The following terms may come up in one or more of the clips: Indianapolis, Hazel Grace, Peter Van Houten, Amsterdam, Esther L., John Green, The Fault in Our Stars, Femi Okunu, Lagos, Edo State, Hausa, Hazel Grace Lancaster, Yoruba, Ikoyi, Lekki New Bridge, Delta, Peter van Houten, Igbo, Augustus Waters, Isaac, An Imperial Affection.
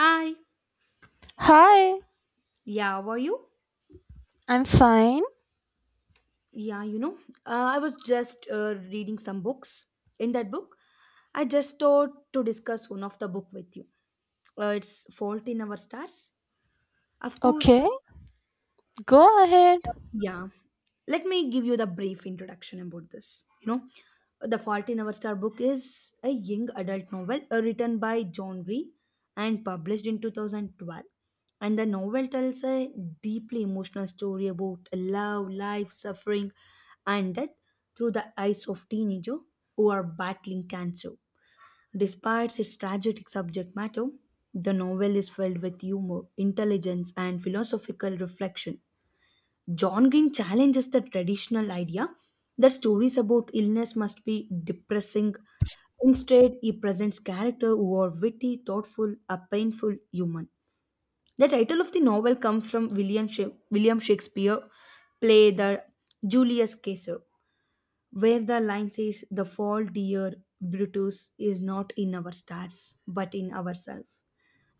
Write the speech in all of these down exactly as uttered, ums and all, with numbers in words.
Hi. Hi, Yeah, were you? I'm fine. Yeah, you know, uh, I was just uh, reading some books. In that book, I just thought to discuss one of the book with you. Uh, it's Fault in Our Stars. Of course, Okay, go ahead. yeah. Let me give you the brief introduction about this you know The fault in our star book is a young adult novel uh, written by John Green and published in two thousand twelve, and the novel tells a deeply emotional story about love, life, suffering, and death through the eyes of teenagers who are battling cancer. Despite its tragic subject matter, the novel is filled with humor, intelligence, and philosophical reflection. John Green challenges the traditional idea that stories about illness must be depressing. Instead, he presents characters who are witty, thoughtful, a painful human. The title of the novel comes from William, Sha- William Shakespeare play The Julius Caesar, where the line says, the fall, dear Brutus, is not in our stars, but in ourselves.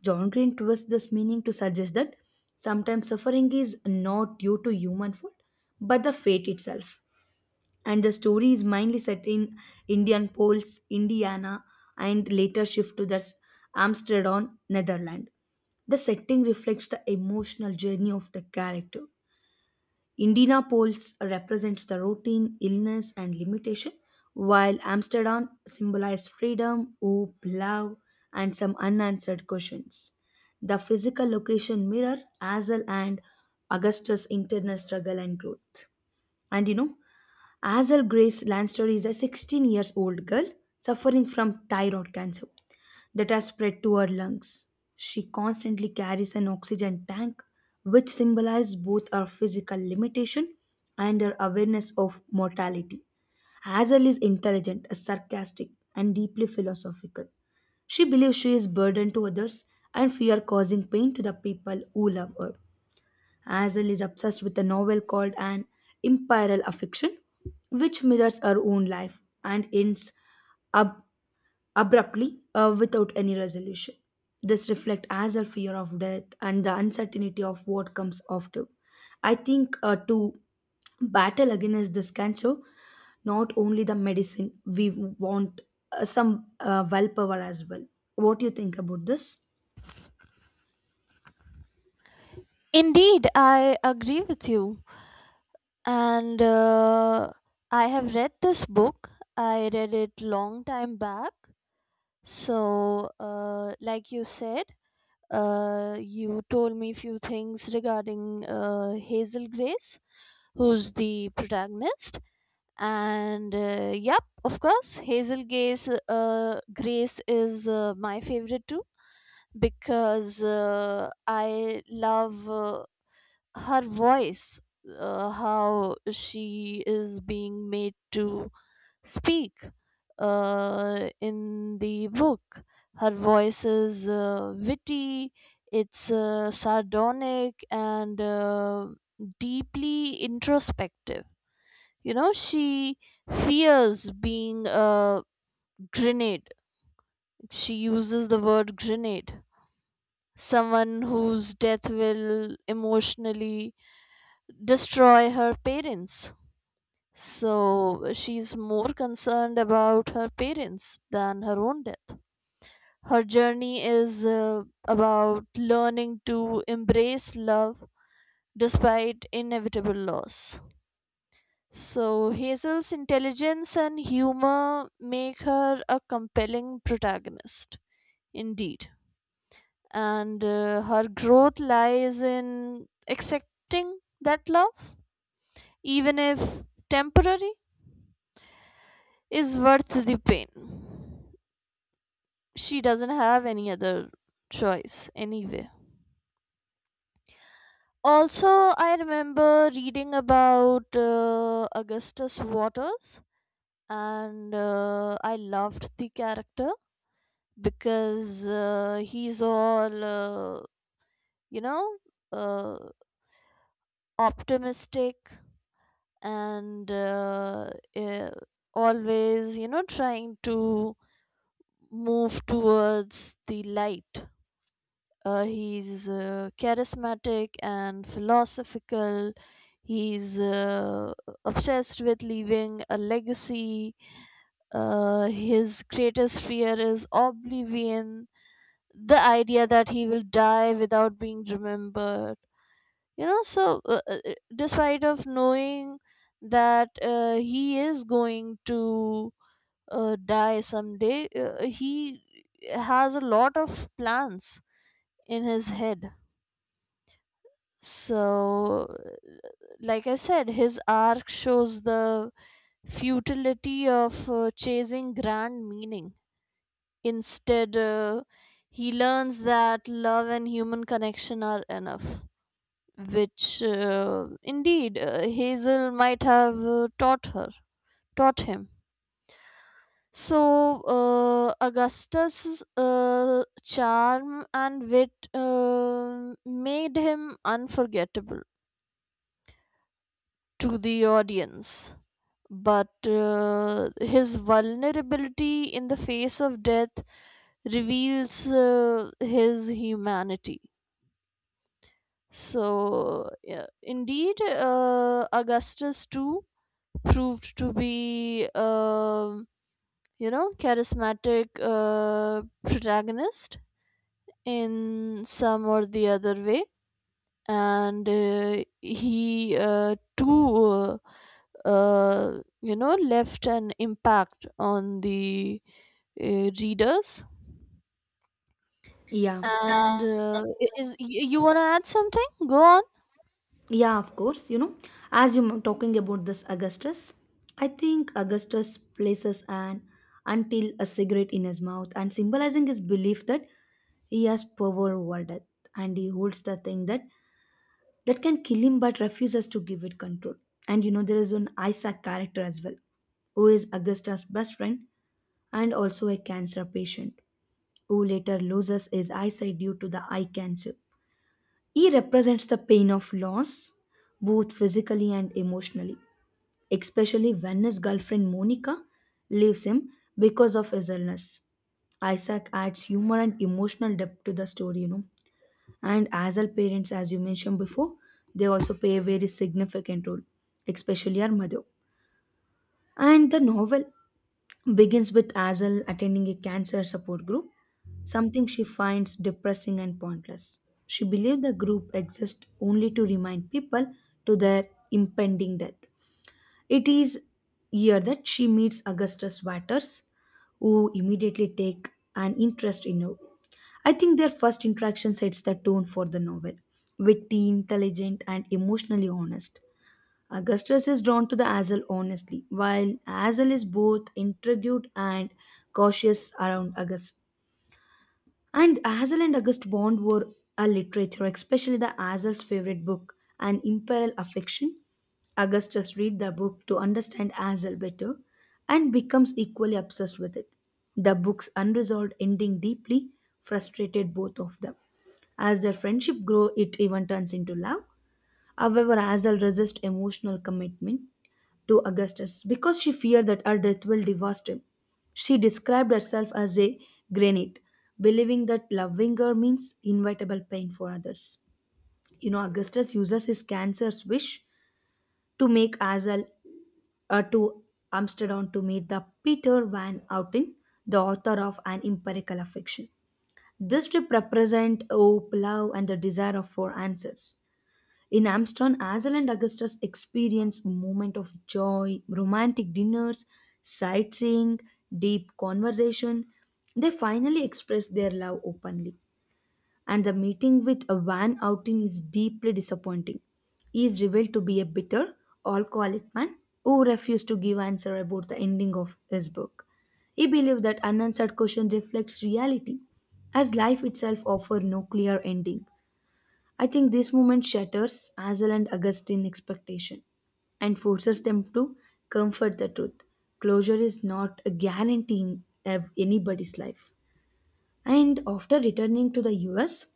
John Green twists this meaning to suggest that sometimes suffering is not due to human fault, but the fate itself. And the story is mainly set in Indian Poles, Indiana, and later shift to the Amsterdam, Netherlands. The setting reflects the emotional journey of the character. Indianapolis represents the routine, illness, and limitation, while Amsterdam symbolizes freedom, hope, love, and some unanswered questions. The physical location mirror Hazel and Augustus' internal struggle and growth. And you know, Hazel Grace Lanster is a sixteen years old girl suffering from thyroid cancer that has spread to her lungs. She constantly carries an oxygen tank, which symbolizes both her physical limitation and her awareness of mortality. Hazel is intelligent, sarcastic, and deeply philosophical. She believes she is burden to others and fear causing pain to the people who love her. Hazel is obsessed with a novel called An Imperial Affection, which mirrors her own life and ends up abruptly uh, without any resolution. This reflects as a fear of death and the uncertainty of what comes after. I think uh, to battle against this cancer, not only the medicine, we want uh, some uh, willpower as well. What do you think about this? Indeed, I agree with you. And uh, I have read this book. I read it long time back. So, uh, like you said, uh, you told me few things regarding uh, Hazel Grace, who's the protagonist. And uh, yep, of course, Hazel Grace, uh, Grace is uh, my favorite too, because uh, I love uh, her voice, uh, how she is being made to speak uh, in the book. Her voice is uh, witty, it's uh, sardonic, and uh, deeply introspective. You know, she fears being a grenade. She uses the word grenade, someone whose death will emotionally destroy her parents. So she's more concerned about her parents than her own death. Her journey is uh, about learning to embrace love despite inevitable loss. So Hazel's intelligence and humor make her a compelling protagonist. Indeed. And uh, her growth lies in accepting that love, even if temporary, is worth the pain. She doesn't have any other choice anyway. Also, I remember reading about uh, Augustus Waters, and uh, I loved the character, because uh, he's all, uh, you know, uh, optimistic, and uh, eh, always you know trying to move towards the light. Uh, he's uh, charismatic and philosophical. He's uh, obsessed with leaving a legacy. Uh, his greatest fear is oblivion, the idea that he will die without being remembered you know So, uh, uh, uh, despite of knowing that uh, he is going to uh, die someday, uh, he has a lot of plans in his head. So, like I said, his arc shows the futility of uh, chasing grand meaning. Instead, uh, he learns that love and human connection are enough, which uh, indeed uh, Hazel might have uh, taught her, taught him. So uh, Augustus' uh, charm and wit uh, made him unforgettable to the audience. But uh, his vulnerability in the face of death reveals uh, his humanity. So, yeah, indeed, uh, Augustus too proved to be um you know charismatic uh, protagonist in some or the other way. And uh, he uh, too uh, uh, you know left an impact on the uh, readers. Yeah. And uh, i- is y- you want to add something, go on. Yeah, of course. You know, as you're talking about this Augustus, I think Augustus places an until a cigarette in his mouth and symbolizing his belief that he has power over death and he holds the thing that that can kill him but refuses to give it control. And you know, there is one Isaac character as well, who is Augustus' best friend and also a cancer patient, who later loses his eyesight due to the eye cancer. E represents the pain of loss, both physically and emotionally, especially when his girlfriend Monica leaves him because of his illness. Isaac adds humor and emotional depth to the story, you know. And as our parents, as you mentioned before, they also play a very significant role, especially our mother. And the novel begins with Azal attending a cancer support group, something she finds depressing and pointless. She believes the group exists only to remind people to their impending death. It is here that she meets Augustus Waters, who immediately take an interest in her. I think their first interaction sets the tone for the novel, witty, intelligent, and emotionally honest. Augustus is drawn to the Azel honestly, while Azel is both intrigued and cautious around August. And Azel and August bond were a literature, especially the Azel's favorite book, An Imperial Affection. Augustus read the book to understand Azel better and becomes equally obsessed with it. The book's unresolved ending deeply frustrated both of them. As their friendship grow, it even turns into love. However, Azel resists emotional commitment to Augustus because she feared that her death will devastate him. She described herself as a granite, believing that loving her means inevitable pain for others. You know, Augustus uses his cancer's wish to make Azel uh, to Amsterdam to meet the Peter van Houten, the author of An Empirical Affection. This trip represents hope, love, and the desire of for answers. In Amsterdam, Hazel and Augustus experience moment of joy, romantic dinners, sightseeing, deep conversation. They finally express their love openly. And the meeting with a van outing is deeply disappointing. He is revealed to be a bitter, alcoholic man who refused to give answer about the ending of his book. He believed that unanswered question reflects reality, as life itself offers no clear ending. I think this moment shatters Hazel and Augustine's expectation and forces them to comfort the truth. Closure is not a guarantee in ev- anybody's life. And after returning to the U S,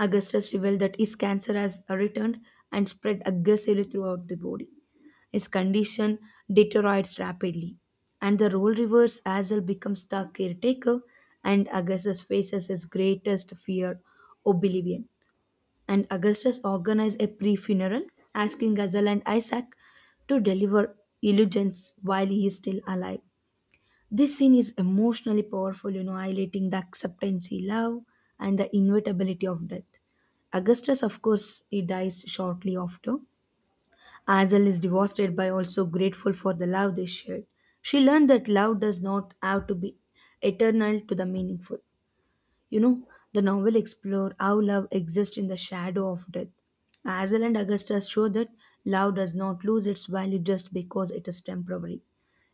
Augustus revealed that his cancer has returned and spread aggressively throughout the body. His condition deteriorates rapidly, and the role reverse Hazel becomes the caretaker, and Augustus faces his greatest fear oblivion and Augustus organized a pre funeral, asking Gazelle and Isaac to deliver illusions while he is still alive. This scene is emotionally powerful, you know, highlighting the acceptance he loved and the inevitability of death. Augustus, of course, he dies shortly after. Azel is devastated by also grateful for the love they shared. She learned that love does not have to be eternal to the meaningful. You know, the novel explores how love exists in the shadow of death. Hazel and Augusta show that love does not lose its value just because it is temporary.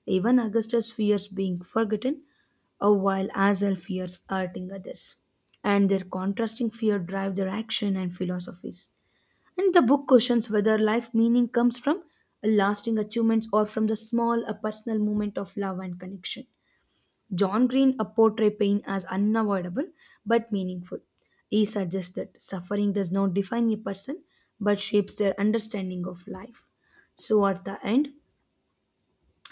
Even Augustus fears being forgotten, uh, while Hazel fears hurting others. And their contrasting fear drive their action and philosophies. And the book questions whether life meaning comes from lasting achievements or from the small uh, personal moment of love and connection. John Green uh, portray pain as unavoidable but meaningful. He suggests that suffering does not define a person but shapes their understanding of life. So at the end,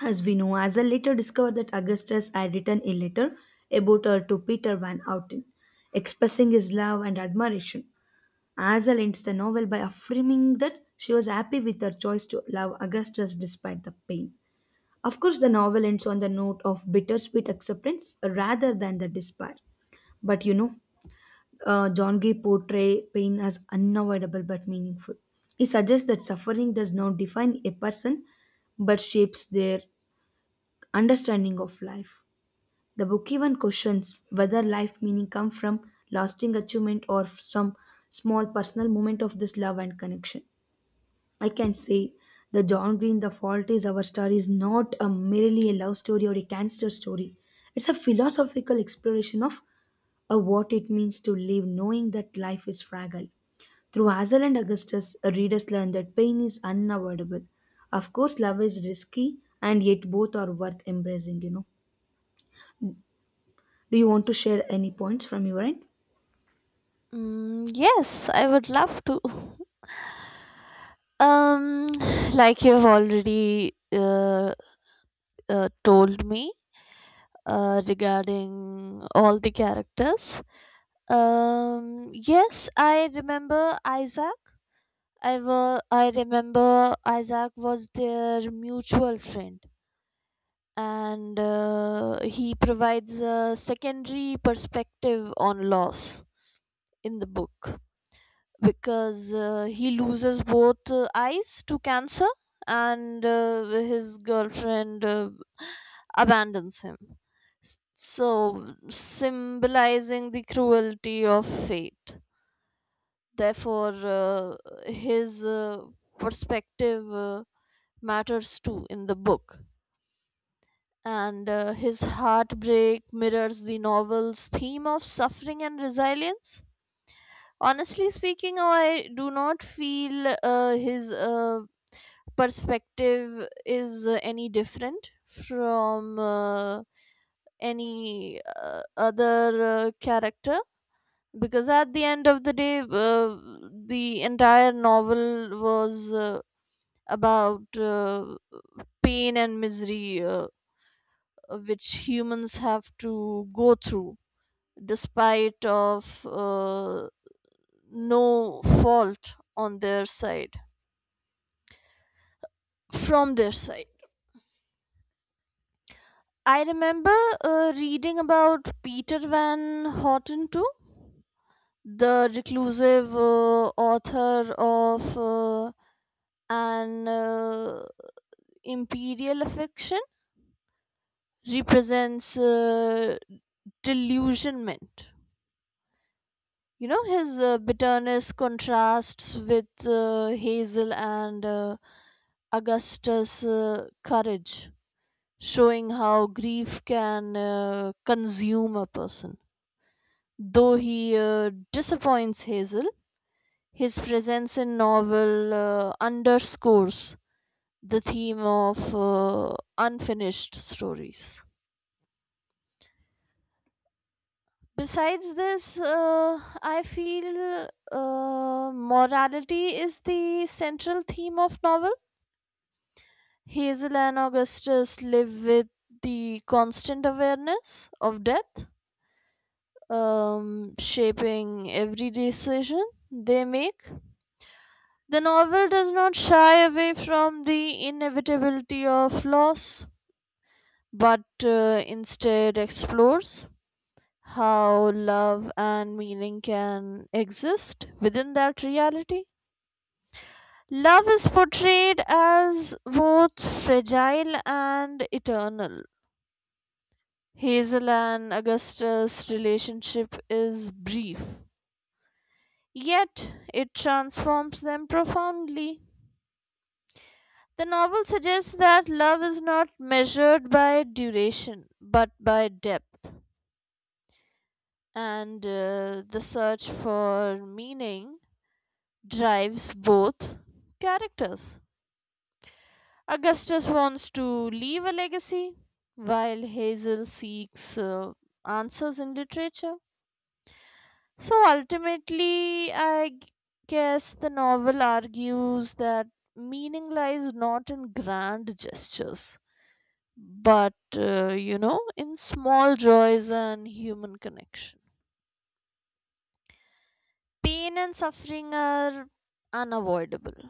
as we know, Hazel later discovered that Augustus had written a letter about her to Peter Van Houten, expressing his love and admiration. Hazel ends the novel by affirming that she was happy with her choice to love Augustus despite the pain. Of course, the novel ends on the note of bittersweet acceptance rather than the despair. But you know, uh, John Gay portrays pain as unavoidable but meaningful. He suggests that suffering does not define a person but shapes their understanding of life. The book even questions whether life meaning come from lasting achievement or some small personal moment of this love and connection. I can say the John Green, The Fault is Our Star is not a merely a love story or a cancer story. It's a philosophical exploration of uh, what it means to live knowing that life is fragile. Through Hazel and Augustus, uh, readers learn that pain is unavoidable. Of course, love is risky and yet both are worth embracing, you know. Do you want to share any points from your end? Mm, yes, I would love to. Um, like you have already uh, uh, told me uh, regarding all the characters. Um, yes, I remember Isaac. I wa- I remember Isaac was their mutual friend, and uh, he provides a secondary perspective on loss in the book, because uh, he loses both uh, eyes to cancer, and uh, his girlfriend uh, abandons him, S- so symbolizing the cruelty of fate. Therefore, uh, his uh, perspective uh, matters too in the book, and uh, his heartbreak mirrors the novel's theme of suffering and resilience. Honestly speaking, I do not feel uh, his uh, perspective is uh, any different from uh, any uh, other uh, character, because at the end of the day uh, the entire novel was uh, about uh, pain and misery, uh, which humans have to go through despite of uh, no fault on their side, from their side. I remember uh, reading about Peter Van Houten too, the reclusive uh, author of uh, An uh, Imperial Affection, represents uh, delusionment. You know, his uh, bitterness contrasts with uh, Hazel and uh, Augustus' uh, courage, showing how grief can uh, consume a person. Though he uh, disappoints Hazel, his presence in novel uh, underscores the theme of uh, unfinished stories. Besides this, uh, I feel uh, morality is the central theme of novel. Hazel and Augustus live with the constant awareness of death, um, shaping every decision they make. The novel does not shy away from the inevitability of loss, but uh, instead explores how love and meaning can exist within that reality. Love is portrayed as both fragile and eternal. Hazel and Augustus' relationship is brief, yet it transforms them profoundly. The novel suggests that love is not measured by duration, but by depth. And uh, the search for meaning drives both characters. Augustus wants to leave a legacy, while Hazel seeks uh, answers in literature. So ultimately, I g- guess the novel argues that meaning lies not in grand gestures, but uh, you know in small joys and human connection. Pain and suffering are unavoidable,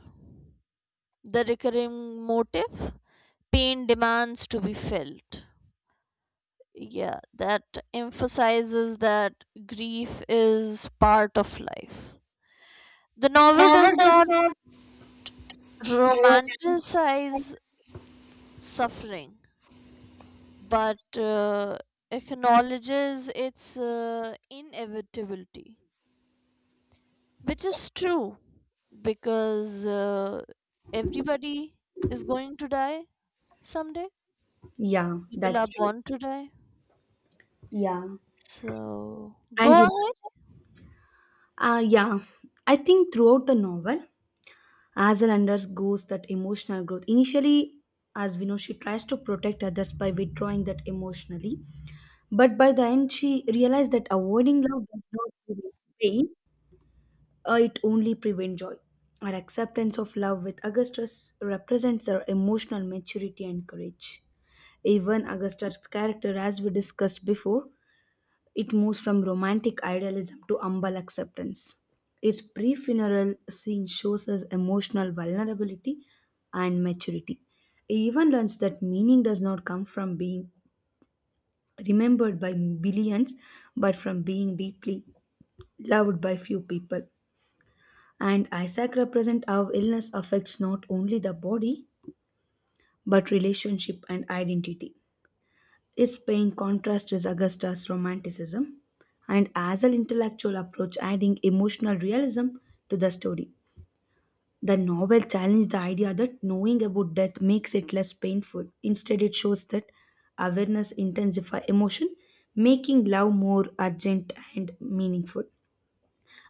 the recurring motive, pain demands to be felt. Yeah, that emphasizes that grief is part of life. The novel Novel does does not not romanticize. romanticize suffering, but uh, acknowledges its uh, inevitability, which is true, because uh, everybody is going to die someday. Yeah, People are that's true. born to die. Yeah. So go And you. ahead. Uh, yeah, I think throughout the novel, Hazel undergoes that emotional growth. Initially, as we know, she tries to protect others by withdrawing that emotionally. But by the end, she realized that avoiding love does not prevent pain, uh, it only prevents joy. Her acceptance of love with Augustus represents her emotional maturity and courage. Even Augustus' character, as we discussed before, it moves from romantic idealism to humble acceptance. His pre funeral scene shows his emotional vulnerability and maturity. He even learns that meaning does not come from being remembered by billions, but from being deeply loved by few people. And Isaac represents how illness affects not only the body, but relationship and identity. Its pain contrast is Augusta's romanticism, and as an intellectual approach adding emotional realism to the story. The novel challenged the idea that knowing about death makes it less painful. Instead, it shows that awareness intensifies emotion, making love more urgent and meaningful.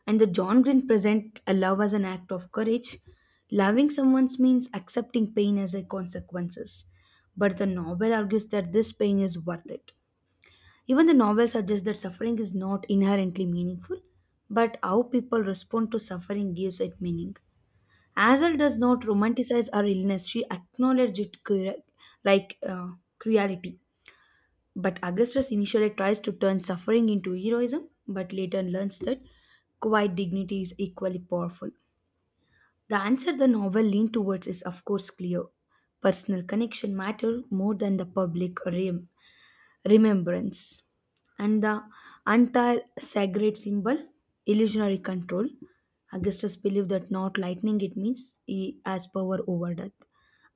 And the John Green present a love as an act of courage. Loving someone means accepting pain as a consequences. But the novel argues that this pain is worth it even the novel suggests that suffering is not inherently meaningful, but how people respond to suffering gives it meaning. Hazel does not romanticize her illness, she acknowledges it cru- like uh, cruelty. But Augustus initially tries to turn suffering into heroism, but later learns that quiet dignity is equally powerful. The answer the novel leans towards is, of course, clear. Personal connection matter more than the public realm remembrance and the entire sacred symbol illusionary control. Augustus believed that not lightning it means he has power over death.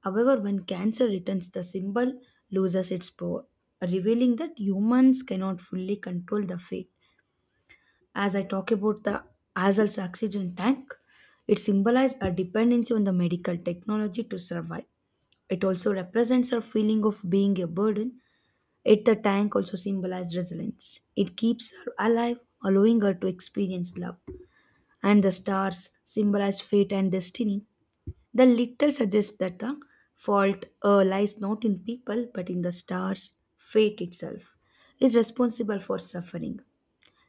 However, when cancer returns, the symbol loses its power, revealing that humans cannot fully control the fate. As I talk about the Hazel's oxygen tank, it symbolizes a dependency on the medical technology to survive. It also represents a feeling of being a burden. Yet the tank also symbolized resilience. It keeps her alive, allowing her to experience love. And the stars symbolize fate and destiny. The little suggests that the fault uh, lies not in people but in the stars. Fate itself is responsible for suffering.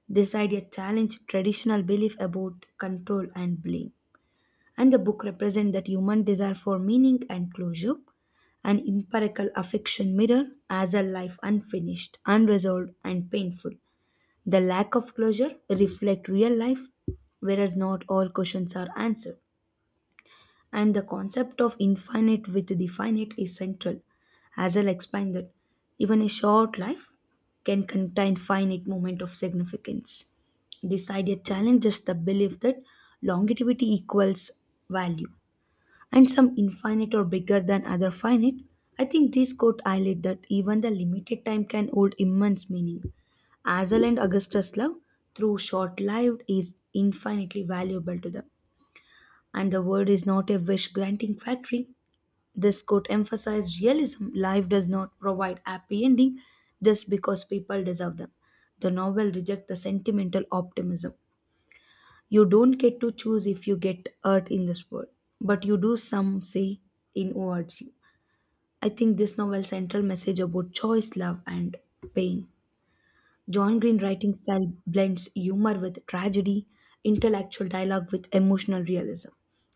This idea challenged traditional belief about control and blame, and the book represents that human desire for meaning and closure, an empirical affection mirror as a life unfinished, unresolved, and painful. The lack of closure reflect real life, whereas not all questions are answered. And the concept of infinite with the finite is central. As I'll explain that even a short life can contain finite moment of significance. This idea challenges the belief that longevity equals value and some infinite or bigger than other finite, I think this quote highlight that even the limited time can hold immense meaning. Hazel and Augustus' love, through short-lived, is infinitely valuable to them. And the world is not a wish-granting factory. This quote emphasized realism. Life does not provide happy ending just because people deserve them. The novel rejects the sentimental optimism. You don't get to choose if you get hurt in this world, but you do some say in who hurts you. I think this novel's central message about choice, love, and pain. John Green writing style blends humor with tragedy, intellectual dialogue with emotional realism.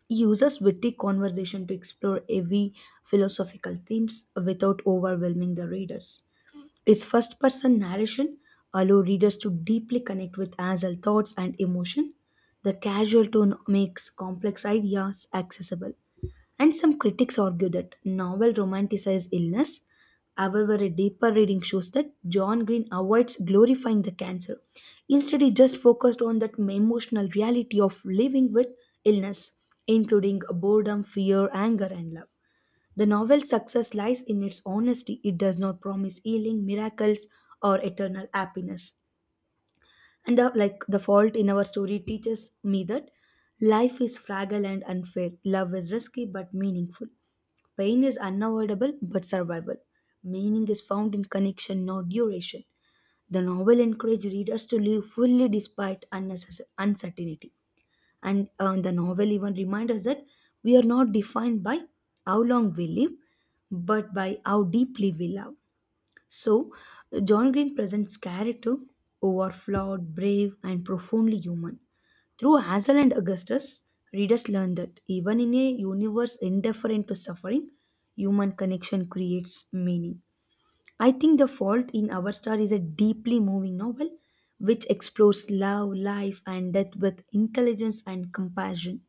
He uses witty conversation to explore heavy philosophical themes without overwhelming the readers. His first person narration allows readers to deeply connect with Hazel thoughts and emotion. The casual tone makes complex ideas accessible. And some critics argue that novel romanticizes illness. However, a deeper reading shows that John Green avoids glorifying the cancer. Instead, he just focused on that emotional reality of living with illness, including boredom, fear, anger, and love. The novel's success lies in its honesty. It does not promise healing, miracles, or eternal happiness. And the, like the fault in our story teaches me that life is fragile and unfair. Love is risky but meaningful. Pain is unavoidable but survival. Meaning is found in connection, not duration. The novel encourages readers to live fully despite unnecessary uncertainty, and uh, the novel even reminds us that we are not defined by how long we live but by how deeply we love. So John Green presents character who are flawed, brave, and profoundly human. Through Hazel and Augustus, readers learn that even in a universe indifferent to suffering, human connection creates meaning. I think The Fault in Our Star is a deeply moving novel which explores love, life, and death with intelligence and compassion.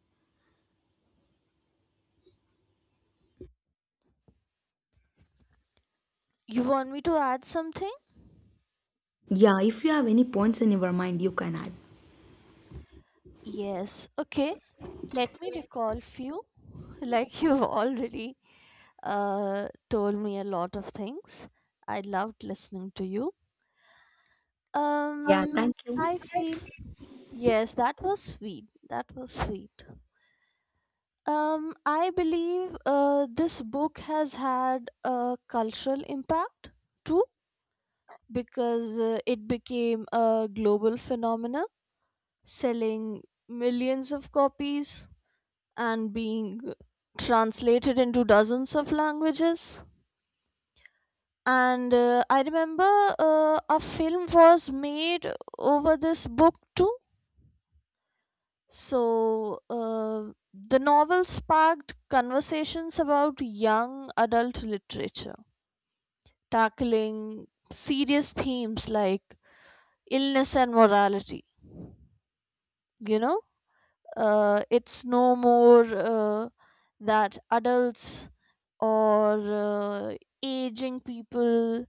You want me to add something? Yeah, if you have any points in your mind, you can add. Yes. Okay. Let me recall few. Like you've already uh, told me a lot of things. I loved listening to you. Yeah. Um, Um, Thank you. I feel, yes, that was sweet. That was sweet. Um, I believe uh, this book has had a cultural impact too, because uh, it became a global phenomenon, selling millions of copies and being translated into dozens of languages. And uh, I remember uh, a film was made over this book too. So uh, the novel sparked conversations about young adult literature, tackling serious themes like illness and morality. You know, uh, it's no more uh, that adults or uh, aging people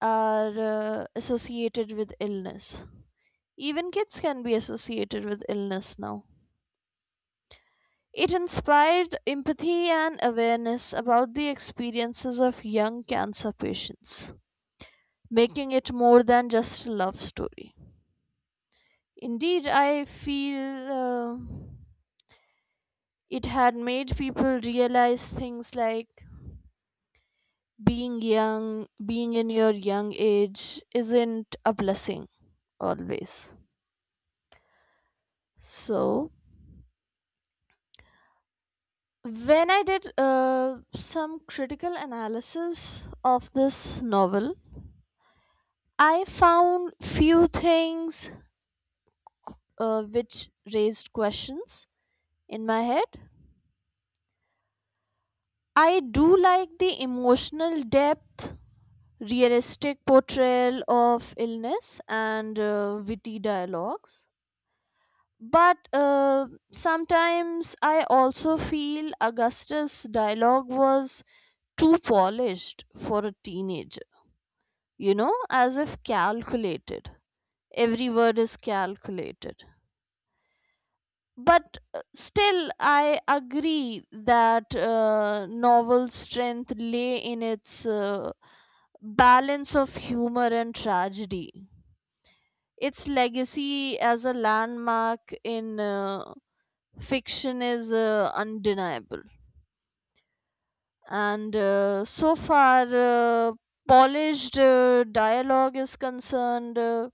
are uh, associated with illness. Even kids can be associated with illness now. It inspired empathy and awareness about the experiences of young cancer patients, making it more than just a love story. Indeed, I feel uh, it had made people realize things like being young, being in your young age isn't a blessing always. So, when I did uh, some critical analysis of this novel, I found few things uh, which raised questions in my head. I do like the emotional depth, realistic portrayal of illness and uh, witty dialogues. But uh, sometimes I also feel Augustus' dialogue was too polished for a teenager, you know, as if calculated. Every word is calculated. But uh, still, I agree that uh, novel's strength lay in its uh, balance of humor and tragedy. Its legacy as a landmark in uh, fiction is uh, undeniable. And uh, so far, uh, polished uh, dialogue is concerned, uh,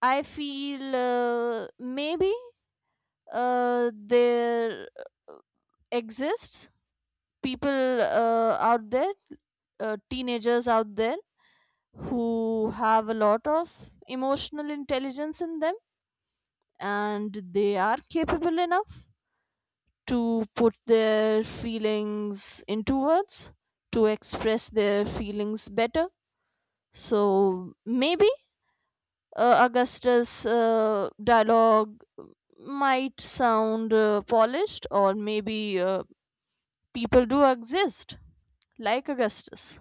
I feel uh, maybe uh, there exists people uh, out there, uh, teenagers out there, who have a lot of emotional intelligence in them, and they are capable enough to put their feelings into words, to express their feelings better. So maybe uh, Augustus' uh, dialogue might sound uh, polished, or maybe uh, people do exist like Augustus.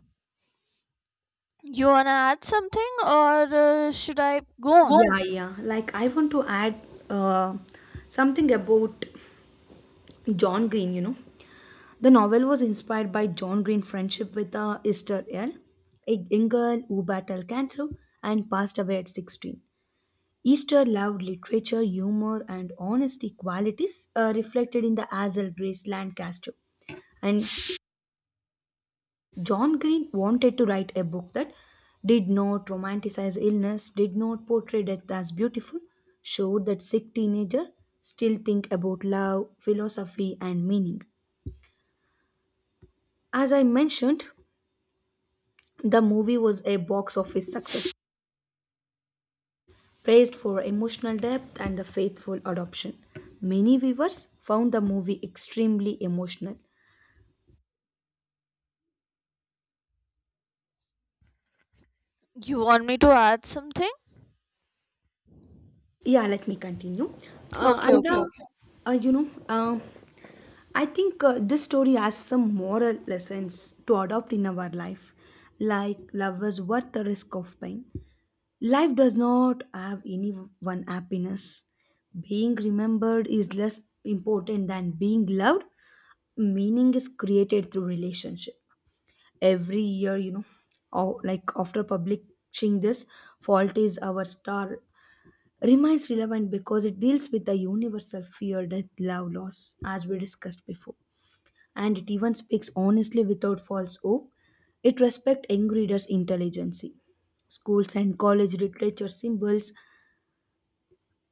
You wanna add something, or uh, should I go What? on? Yeah, yeah. Like, I want to add uh, something about John Green, you know. The novel was inspired by John Green's friendship with uh, Esther L., a young girl who battled cancer and passed away at sixteen. Easter loved literature, humor, and honesty qualities uh, reflected in the Hazel Grace Lancaster. And John Green wanted to write a book that did not romanticize illness, did not portray death as beautiful, showed that sick teenagers still think about love, philosophy, and meaning. As I mentioned, the movie was a box office success, praised for emotional depth and the faithful adoption. Many viewers found the movie extremely emotional. You want me to add something? Yeah, let me continue. Uh, Okay, and Okay. okay. the, uh, you know, uh, I think uh, this story has some moral lessons to adopt in our life, like love is worth the risk of pain. Life does not have any one happiness. Being remembered is less important than being loved. Meaning is created through relationship. Every year, you know, or like after publishing this, Fault is our star remains relevant because it deals with the universal fear death, love, loss, as we discussed before. And it even speaks honestly without false hope. It respects young readers' intelligence. Schools and college literature symbols,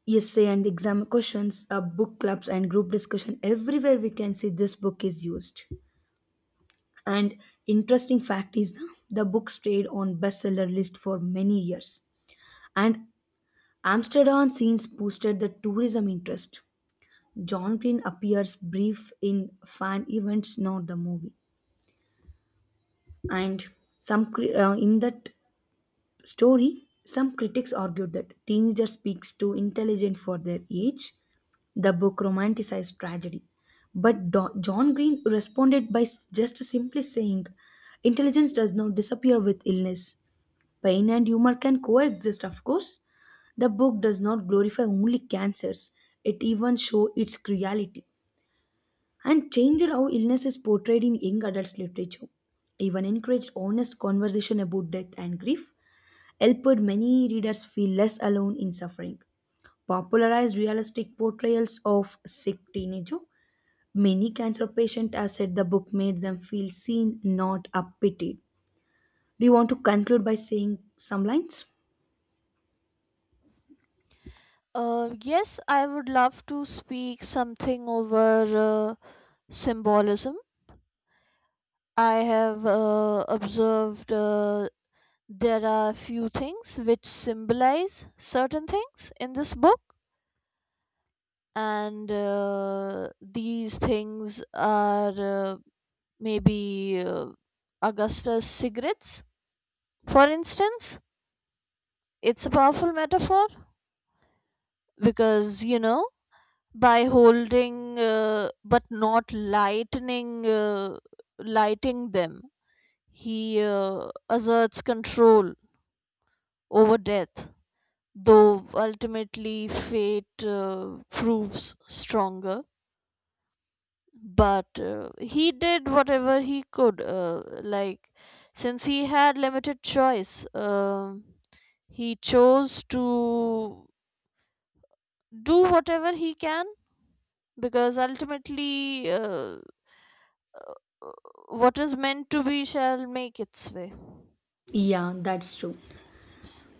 essay and exam questions, uh, book clubs and group discussion, everywhere we can see this book is used. And interesting fact is the book stayed on bestseller list for many years. And Amsterdam scenes boosted the tourism interest. John Green appears brief in fan events, not the movie. And some cri- uh, in that story, some critics argued that teenager speaks too intelligent for their age. The book romanticized tragedy, but Do- John Green responded by s- just simply saying, "Intelligence does not disappear with illness. Pain and humor can coexist, of course." The book does not glorify only cancers; it even shows its cruelty, and changed how illness is portrayed in young adults literature. Even encouraged honest conversation about death and grief, helped many readers feel less alone in suffering. Popularized realistic portrayals of sick teenager, many cancer patients have said the book made them feel seen, not pitied. Do you want to conclude by saying some lines? Uh, yes, I would love to speak something over uh, symbolism. I have uh, observed uh, there are few things which symbolize certain things in this book, and uh, these things are uh, maybe uh, Augustus' cigarettes, for instance. It's a powerful metaphor, because you know by holding uh, but not lightening uh, lighting them, he uh, asserts control over death, though ultimately fate uh, proves stronger. But uh, he did whatever he could, uh, like, since he had limited choice, um he chose to do whatever he can, because ultimately uh, what is meant to be shall make its way. Yeah, that's true.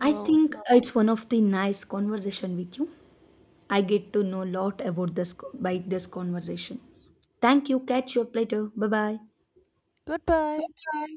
I think it's one of the nice conversation with you. I get to know a lot about this co- by this conversation. Thank you. Catch you up later. Bye bye. goodbye. Okay.